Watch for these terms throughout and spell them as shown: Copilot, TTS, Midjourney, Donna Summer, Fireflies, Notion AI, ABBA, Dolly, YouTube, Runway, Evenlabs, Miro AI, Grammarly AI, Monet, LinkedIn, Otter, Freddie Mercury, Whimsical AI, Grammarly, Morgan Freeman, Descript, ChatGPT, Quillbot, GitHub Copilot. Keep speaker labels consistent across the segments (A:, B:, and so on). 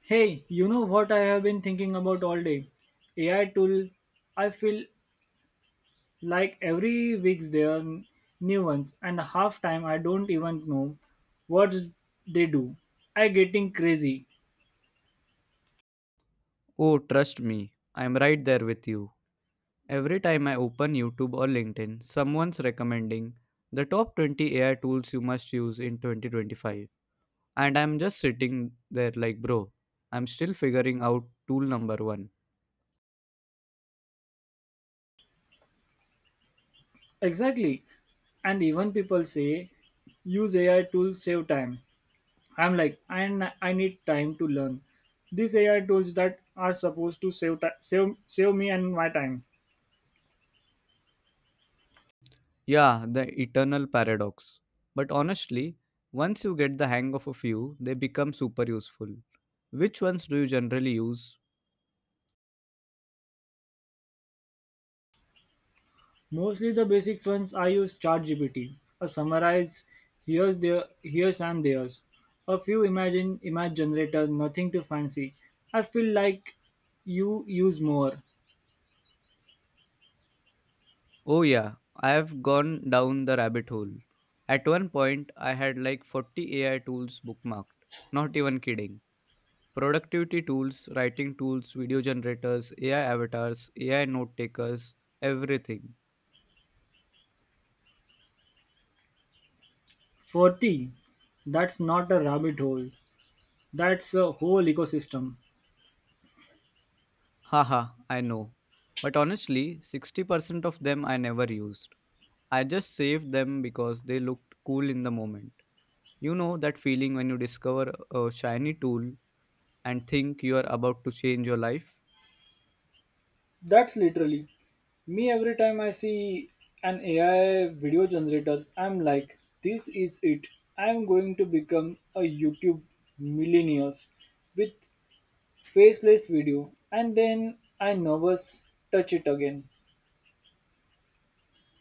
A: Hey, you know what I have been thinking about all day? AI tool. I feel like every week there are new ones, and half time I don't even know what they do. I getting crazy.
B: Oh, trust me, I'm right there with you. Every time I open YouTube or LinkedIn, someone's recommending the top 20 AI tools you must use in 2025. And I'm just sitting there like, bro, I'm still figuring out tool number one.
A: Exactly. And even people say use AI tools save time. I'm like, I need time to learn. These AI tools that are supposed to save ti- save save me and my time.
B: Yeah, the eternal paradox. But honestly, once you get the hang of a few, they become super useful. Which ones do you generally use?
A: Mostly the basics ones I use ChatGPT, a summarize here's and there's. A few imagine image generator, nothing too fancy. I feel like you use more.
B: Oh, yeah, I have gone down the rabbit hole. At one point, I had like 40 AI tools bookmarked. Not even kidding. Productivity tools, writing tools, video generators, AI avatars, AI note takers, everything.
A: 40. That's not a rabbit hole. That's a whole ecosystem.
B: Haha, I know. But honestly, 60% of them I never used. I just saved them because they looked cool in the moment. You know that feeling when you discover a shiny tool and think you are about to change your life?
A: That's literally me every time I see an AI video generator, I'm like, this is it. I'm going to become a YouTube millionaire with faceless video, and then I never touch it again.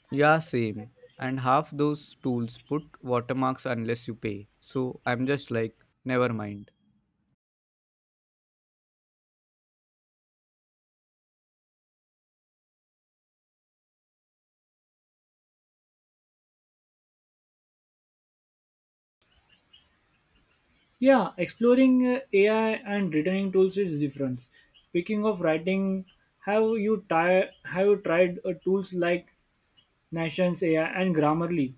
B: Yeah, same. And half those tools put watermarks unless you pay. So I'm just like, never mind.
A: Yeah, exploring AI and returning tools is different. Speaking of writing, have you tried tools like Nation's AI and Grammarly?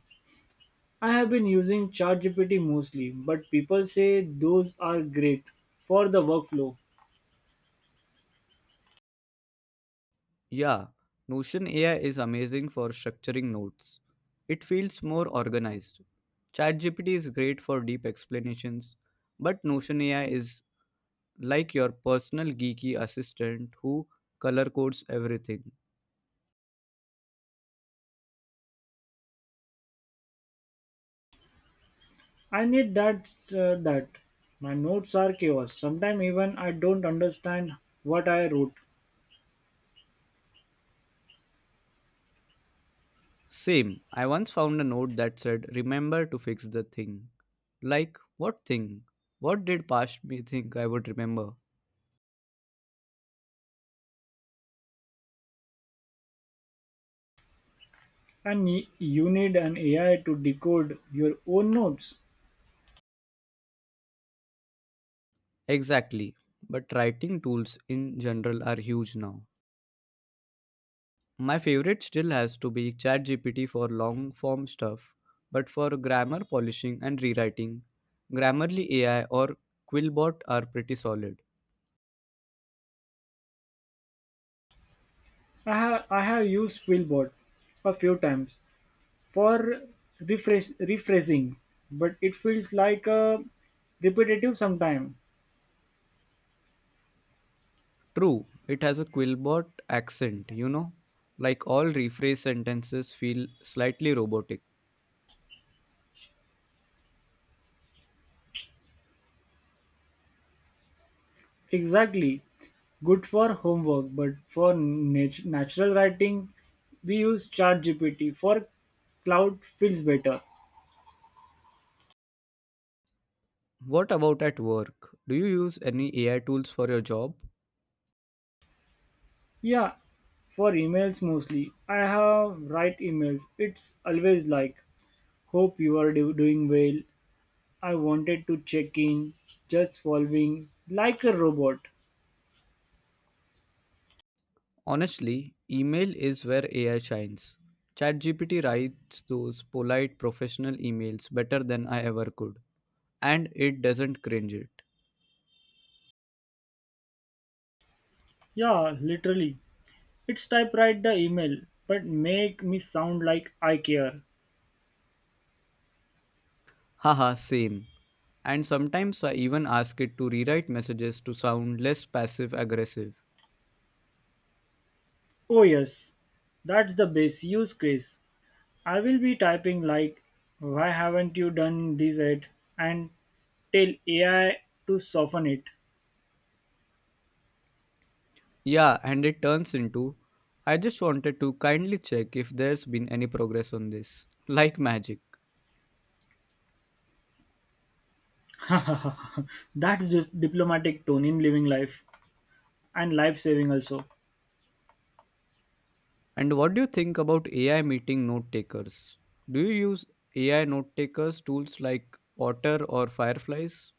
A: I have been using ChatGPT mostly, but people say those are great for the workflow.
B: Yeah, Notion AI is amazing for structuring notes. It feels more organized. ChatGPT is great for deep explanations, but Notion AI is like your personal geeky assistant who color codes everything.
A: I need that my notes are chaos. Sometimes even I don't understand what I wrote.
B: Same. I once found a note that said, Remember to fix the thing. Like, what thing? What did past me think I would remember?
A: And you need an AI to decode your own notes.
B: Exactly. But writing tools in general are huge now. My favorite still has to be ChatGPT for long form stuff, but for grammar polishing and rewriting, Grammarly AI or Quillbot are pretty solid.
A: I have used Quillbot a few times for rephrasing, but it feels like a repetitive sometime.
B: True, it has a Quillbot accent, you know? Like all rephrase sentences feel slightly robotic.
A: Exactly. Good for homework, but for natural writing, we use ChatGPT. For cloud feels better.
B: What about at work? Do you use any AI tools for your job?
A: Yeah, for emails mostly. I have write emails. It's always like, hope you are doing well. I wanted to check in, just following like a robot.
B: Honestly, email is where AI shines. ChatGPT writes those polite professional emails better than I ever could, and it doesn't cringe it.
A: Yeah, literally. It's typewrite the email, but make me sound like I care.
B: Haha, same. And sometimes I even ask it to rewrite messages to sound less passive aggressive.
A: Oh yes, that's the base use case. I will be typing like, why haven't you done this yet? And tell AI to soften it.
B: Yeah, and it turns into I just wanted to kindly check if there's been any progress on this. Like magic.
A: That's diplomatic tone in living life and life saving also.
B: And what do you think about AI meeting note takers? Do you use AI note takers tools like Otter or Fireflies?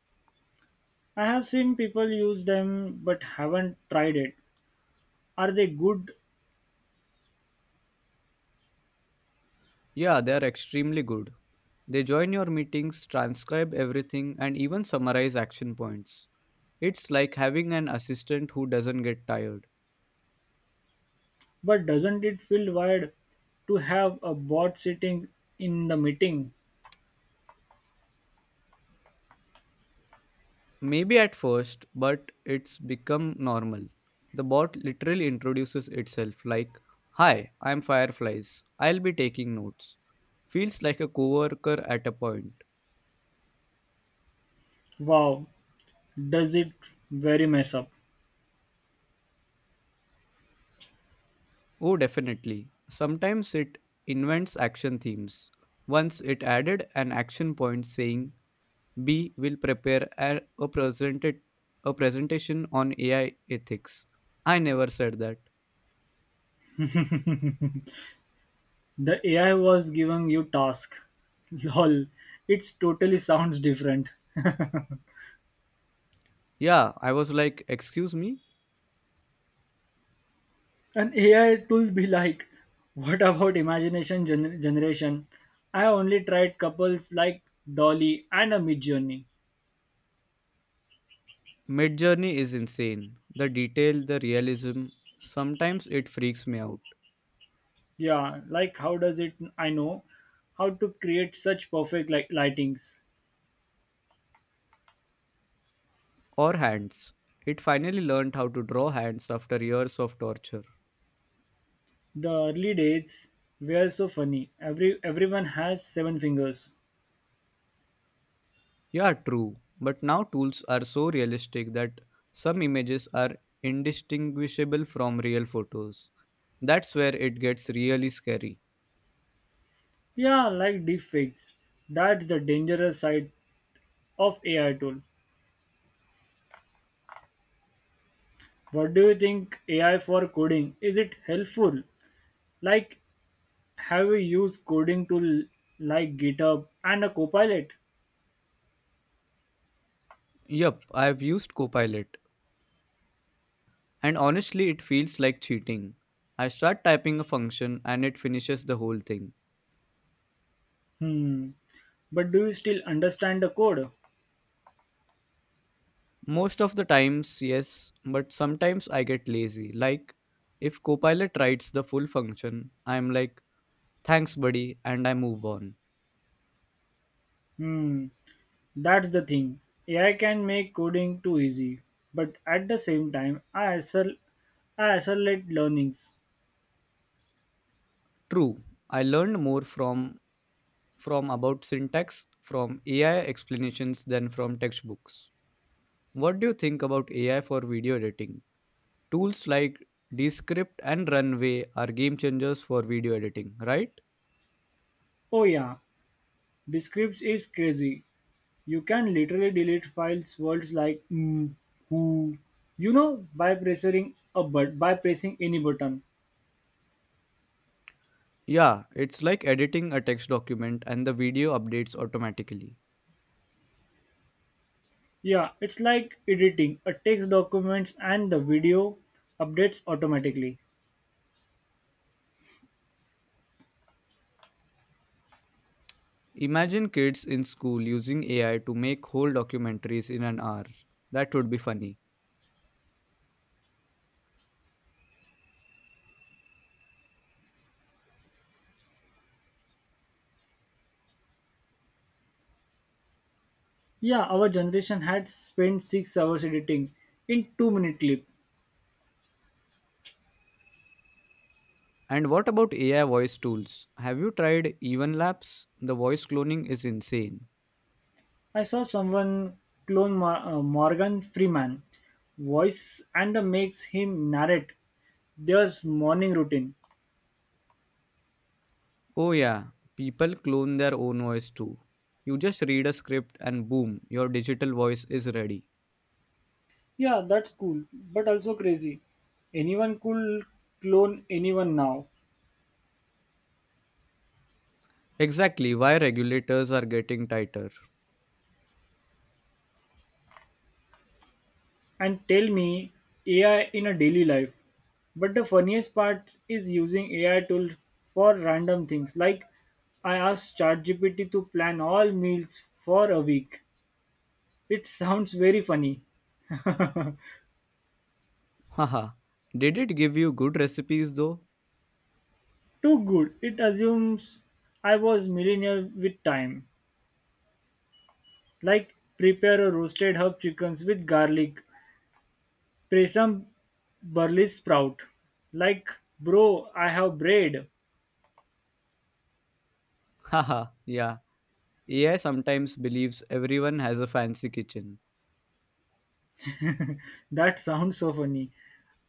A: I have seen people use them but haven't tried it. Are they good?
B: Yeah, they are extremely good. They join your meetings, transcribe everything, and even summarize action points. It's like having an assistant who doesn't get tired.
A: But doesn't it feel weird to have a bot sitting in the meeting?
B: Maybe at first, but it's become normal. The bot literally introduces itself like, Hi, I'm Fireflies. I'll be taking notes. Feels like a coworker at a point.
A: Wow, does it very mess up?
B: Oh, definitely. Sometimes it invents action themes. Once it added an action point saying B will prepare a presentation on AI ethics. I never said that.
A: The AI was giving you task. Lol, it totally sounds different.
B: Yeah, I was like, excuse me?
A: An AI tool be like, what about imagination generation? I only tried couples like Dolly and a Mid Journey.
B: Midjourney is insane. The detail, the realism, sometimes it freaks me out.
A: Yeah, like how does it? I know how to create such perfect like lightings.
B: Or hands. It finally learned how to draw hands after years of torture.
A: The early days were so funny. Everyone had seven fingers.
B: Yeah, true. But now tools are so realistic that some images are indistinguishable from real photos. That's where it gets really scary.
A: Yeah, like deepfakes. That's the dangerous side of AI tool. What do you think AI for coding? Is it helpful? Like have you used coding tool like GitHub and a copilot?
B: Yup, I've used Copilot, and honestly, it feels like cheating. I start typing a function and it finishes the whole thing.
A: Hmm. But do you still understand the code?
B: Most of the times, yes, but sometimes I get lazy. Like, if Copilot writes the full function, I'm like, thanks, buddy, and I move on.
A: Hmm. That's the thing. AI can make coding too easy. But at the same time, I accelerate learnings.
B: True, I learned more from about syntax, from AI explanations than from textbooks. What do you think about AI for video editing? Tools like Descript and Runway are game changers for video editing, right?
A: Oh yeah, Descripts is crazy. You can literally delete files words like who, you know, by pressing a but by pressing any button.
B: Yeah, it's like editing a text document and the video updates automatically.
A: Yeah, it's like editing a text documents and the video updates automatically.
B: Imagine kids in school using AI to make whole documentaries in an hour. That would be funny.
A: Yeah, our generation had spent 6 hours editing in two-minute clip.
B: And what about AI voice tools? Have you tried Evenlabs? The voice cloning is insane.
A: I saw someone clone Morgan Freeman voice and makes him narrate their morning routine.
B: Oh, yeah, people clone their own voice too. You just read a script and boom, your digital voice is ready.
A: Yeah, that's cool, but also crazy. Anyone could clone anyone now
B: Exactly why regulators are getting tighter.
A: and tell me AI in a daily life. But the funniest part is using AI tool for random things. Like I asked ChatGPT to plan all meals for a week. It sounds very funny.
B: Haha. Did it give you good recipes though?
A: Too good. It assumes I was millionaire with time. Like prepare a roasted herb chickens with garlic Pray some burly sprout. Like, bro, I have bread.
B: Haha, yeah. AI sometimes believes everyone has a fancy kitchen.
A: That sounds so funny.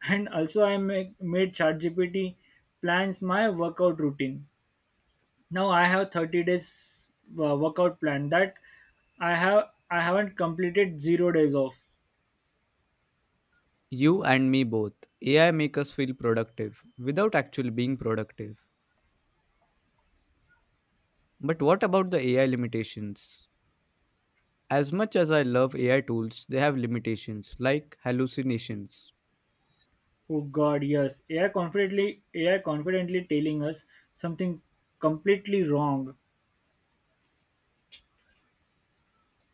A: And also, made ChatGPT plans my workout routine. Now I have 30 days workout plan that I haven't completed 0 days of.
B: You and me both. AI make us feel productive without actually being productive. But what about the AI limitations? As much as I love AI tools, they have limitations like hallucinations.
A: Oh God, yes. AI confidently telling us something completely wrong.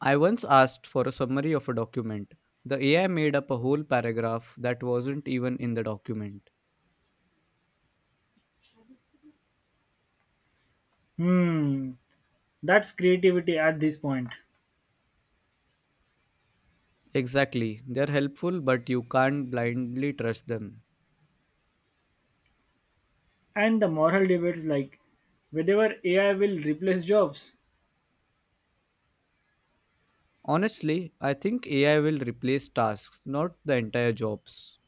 B: I once asked for a summary of a document. The AI made up a whole paragraph that wasn't even in the document.
A: Hmm, that's creativity at this point.
B: Exactly, they're helpful, but you can't blindly trust them.
A: And the moral debates like whether AI will replace jobs.
B: Honestly, I think AI will replace tasks, not the entire jobs.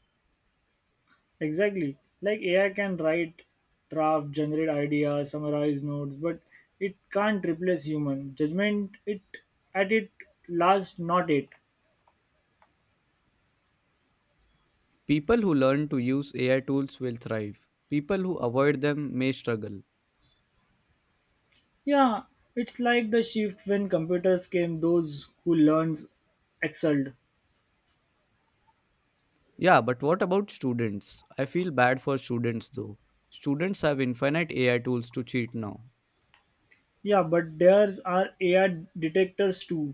A: Exactly. Like AI can write, draft, generate ideas, summarize notes, but it can't replace human judgment. It at it last not it.
B: People who learn to use AI tools will thrive. People who avoid them may struggle.
A: Yeah, it's like the shift when computers came. Those who learns excelled.
B: Yeah, but what about students? I feel bad for students though. Students have infinite AI tools to cheat now.
A: Yeah, but there's are AI detectors too.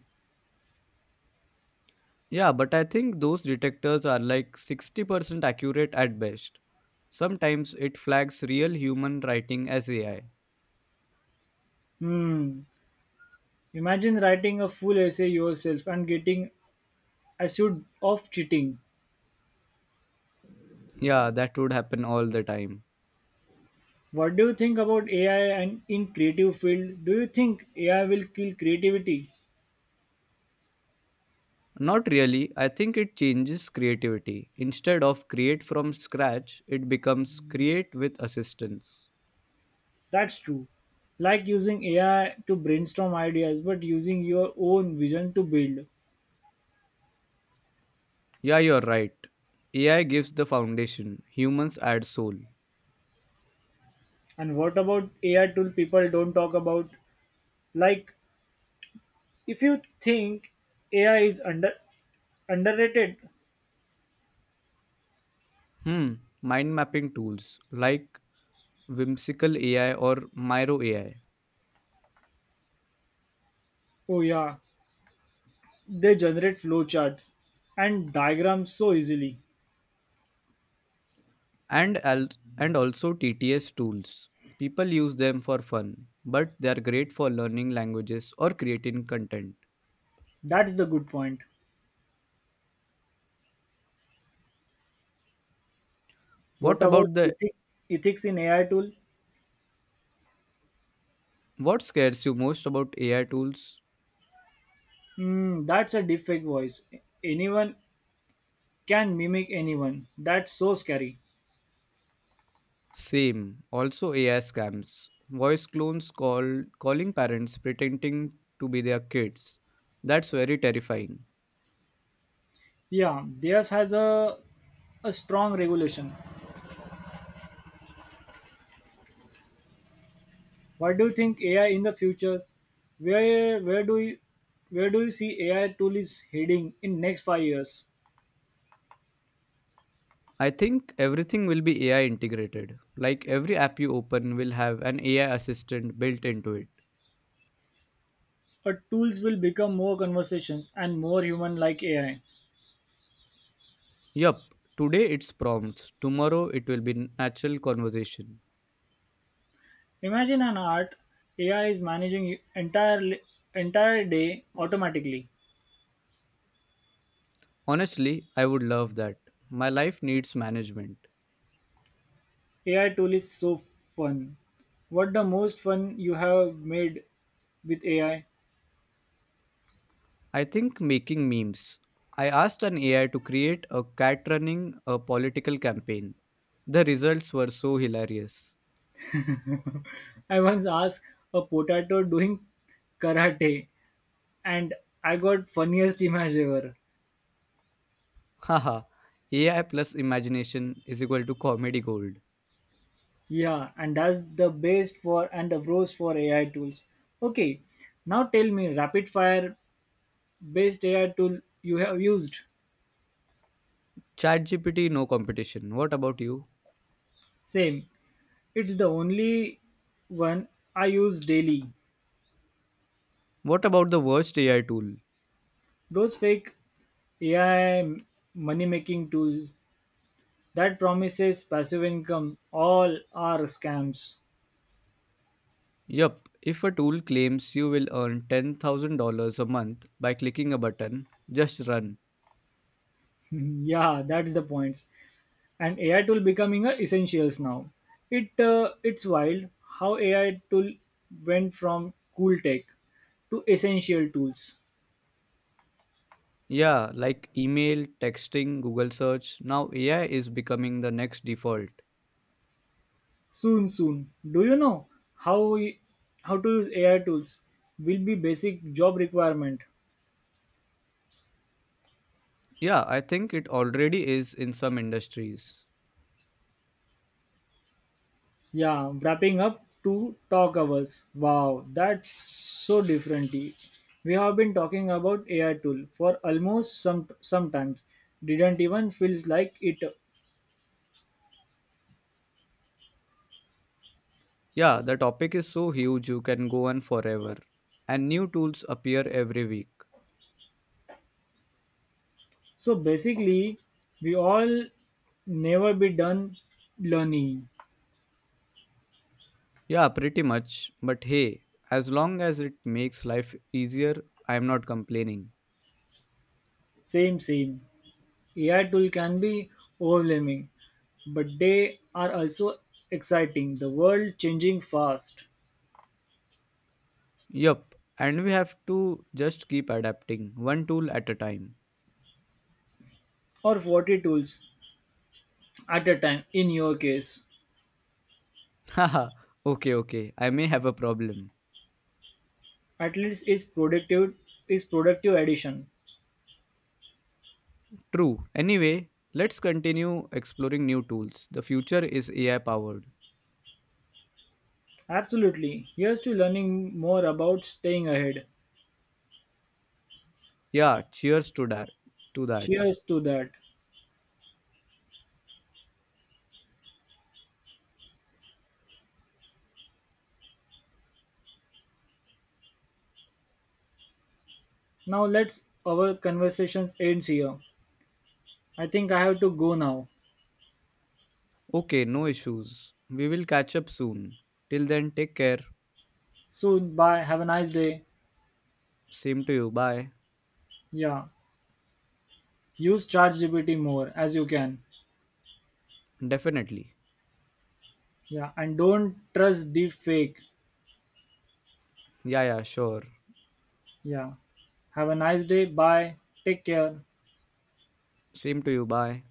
B: Yeah, but I think those detectors are like 60% accurate at best. Sometimes it flags real human writing as AI.
A: Hmm. Imagine writing a full essay yourself and getting accused of cheating.
B: Yeah, that would happen all the time.
A: What do you think about AI and in creative field? Do you think AI will kill creativity?
B: Not really. I think it changes creativity. Instead of create from scratch, it becomes create with assistance.
A: That's true. Like using AI to brainstorm ideas, but using your own vision to build.
B: Yeah, you're right. AI gives the foundation, humans add soul.
A: And what about AI tool people don't talk about? Like if you think AI is underrated,
B: Hmm, mind mapping tools like Whimsical AI or Miro AI
A: oh yeah, they generate flowcharts and diagrams so easily.
B: and al- and also TTS tools. People use them for fun, but they are great for learning languages or creating content.
A: That's the good point. What
B: What
A: about
B: about the
A: ethics in AI tool?
B: what scares you most about AI tools?
A: Hmm, that's a deepfake voice. Anyone can mimic anyone. That's so scary.
B: Same, also AI scams. Voice clones calling parents pretending to be their kids. That's very terrifying.
A: Yeah, theirs has a strong regulation. What do you think AI in the future? Where where do you where do you see AI tool is heading in next 5 years?
B: I think everything will be AI integrated. Like every app you open will have an AI assistant built into it.
A: Our tools will become more conversations and more human like AI.
B: Yup, today it's prompts, tomorrow it will be natural conversation.
A: Imagine an art AI is managing entire day automatically.
B: Honestly, I would love that. My life needs management.
A: AI tool is so fun. What the most fun you have made with AI?
B: I think making memes. I asked an AI to create a cat running a political campaign. The results were so hilarious.
A: I once asked a potato doing karate and I got funniest image ever.
B: Haha, AI plus imagination is equal to comedy gold.
A: Yeah, and that's the best for and the pros for AI tools. Okay, now tell me rapid fire best AI tool you have used.
B: ChatGPT, no competition. What about you?
A: Same. It's the only one I use daily.
B: What about the worst AI tool?
A: Those fake AI money making tools That promises passive income. All are scams.
B: Yup, if a tool claims you will earn $10,000 a month by clicking a button, just run.
A: Yeah, that's the point. And AI tool becoming a essentials now. It's wild how AI tool went from cool tech to essential tools.
B: Yeah, like email, texting, Google search, now AI is becoming the next default.
A: Soon, soon. Do you know how we, how to use AI tools will be basic job requirement?
B: Yeah, I think it already is in some industries.
A: Yeah, wrapping up 2 talk hours. Wow, that's so different. We have been talking about AI tool for almost some sometimes. Didn't even feels like it.
B: Yeah, the topic is so huge you can go on forever. And new tools appear every week.
A: So basically, we all never be done learning.
B: Yeah, pretty much. But hey, as long as it makes life easier, I am not complaining.
A: Same, same. AI tool can be overwhelming, but they are also exciting. The world changing fast,
B: Yup, and we have to just keep adapting, one tool at a time.
A: or 40 tools at a time in your case.
B: Haha, okay, okay, I may have a problem.
A: At least it's productive is productive addition.
B: True. Anyway, let's continue exploring new tools. The future is AI powered.
A: Absolutely. Here's to learning more about staying ahead.
B: Yeah, cheers to that. To that.
A: Cheers to that. Now let's our conversations ends here. I think I have to go now.
B: Okay, no issues. We will catch up soon. Till then, take care.
A: Soon bye. Have a nice day.
B: Same to you. Bye.
A: Yeah. Use ChatGPT more as you can.
B: Definitely.
A: Yeah. And don't trust deep fake.
B: Yeah, yeah, sure.
A: Yeah. Have a nice day. Bye. Take care.
B: Same to you. Bye.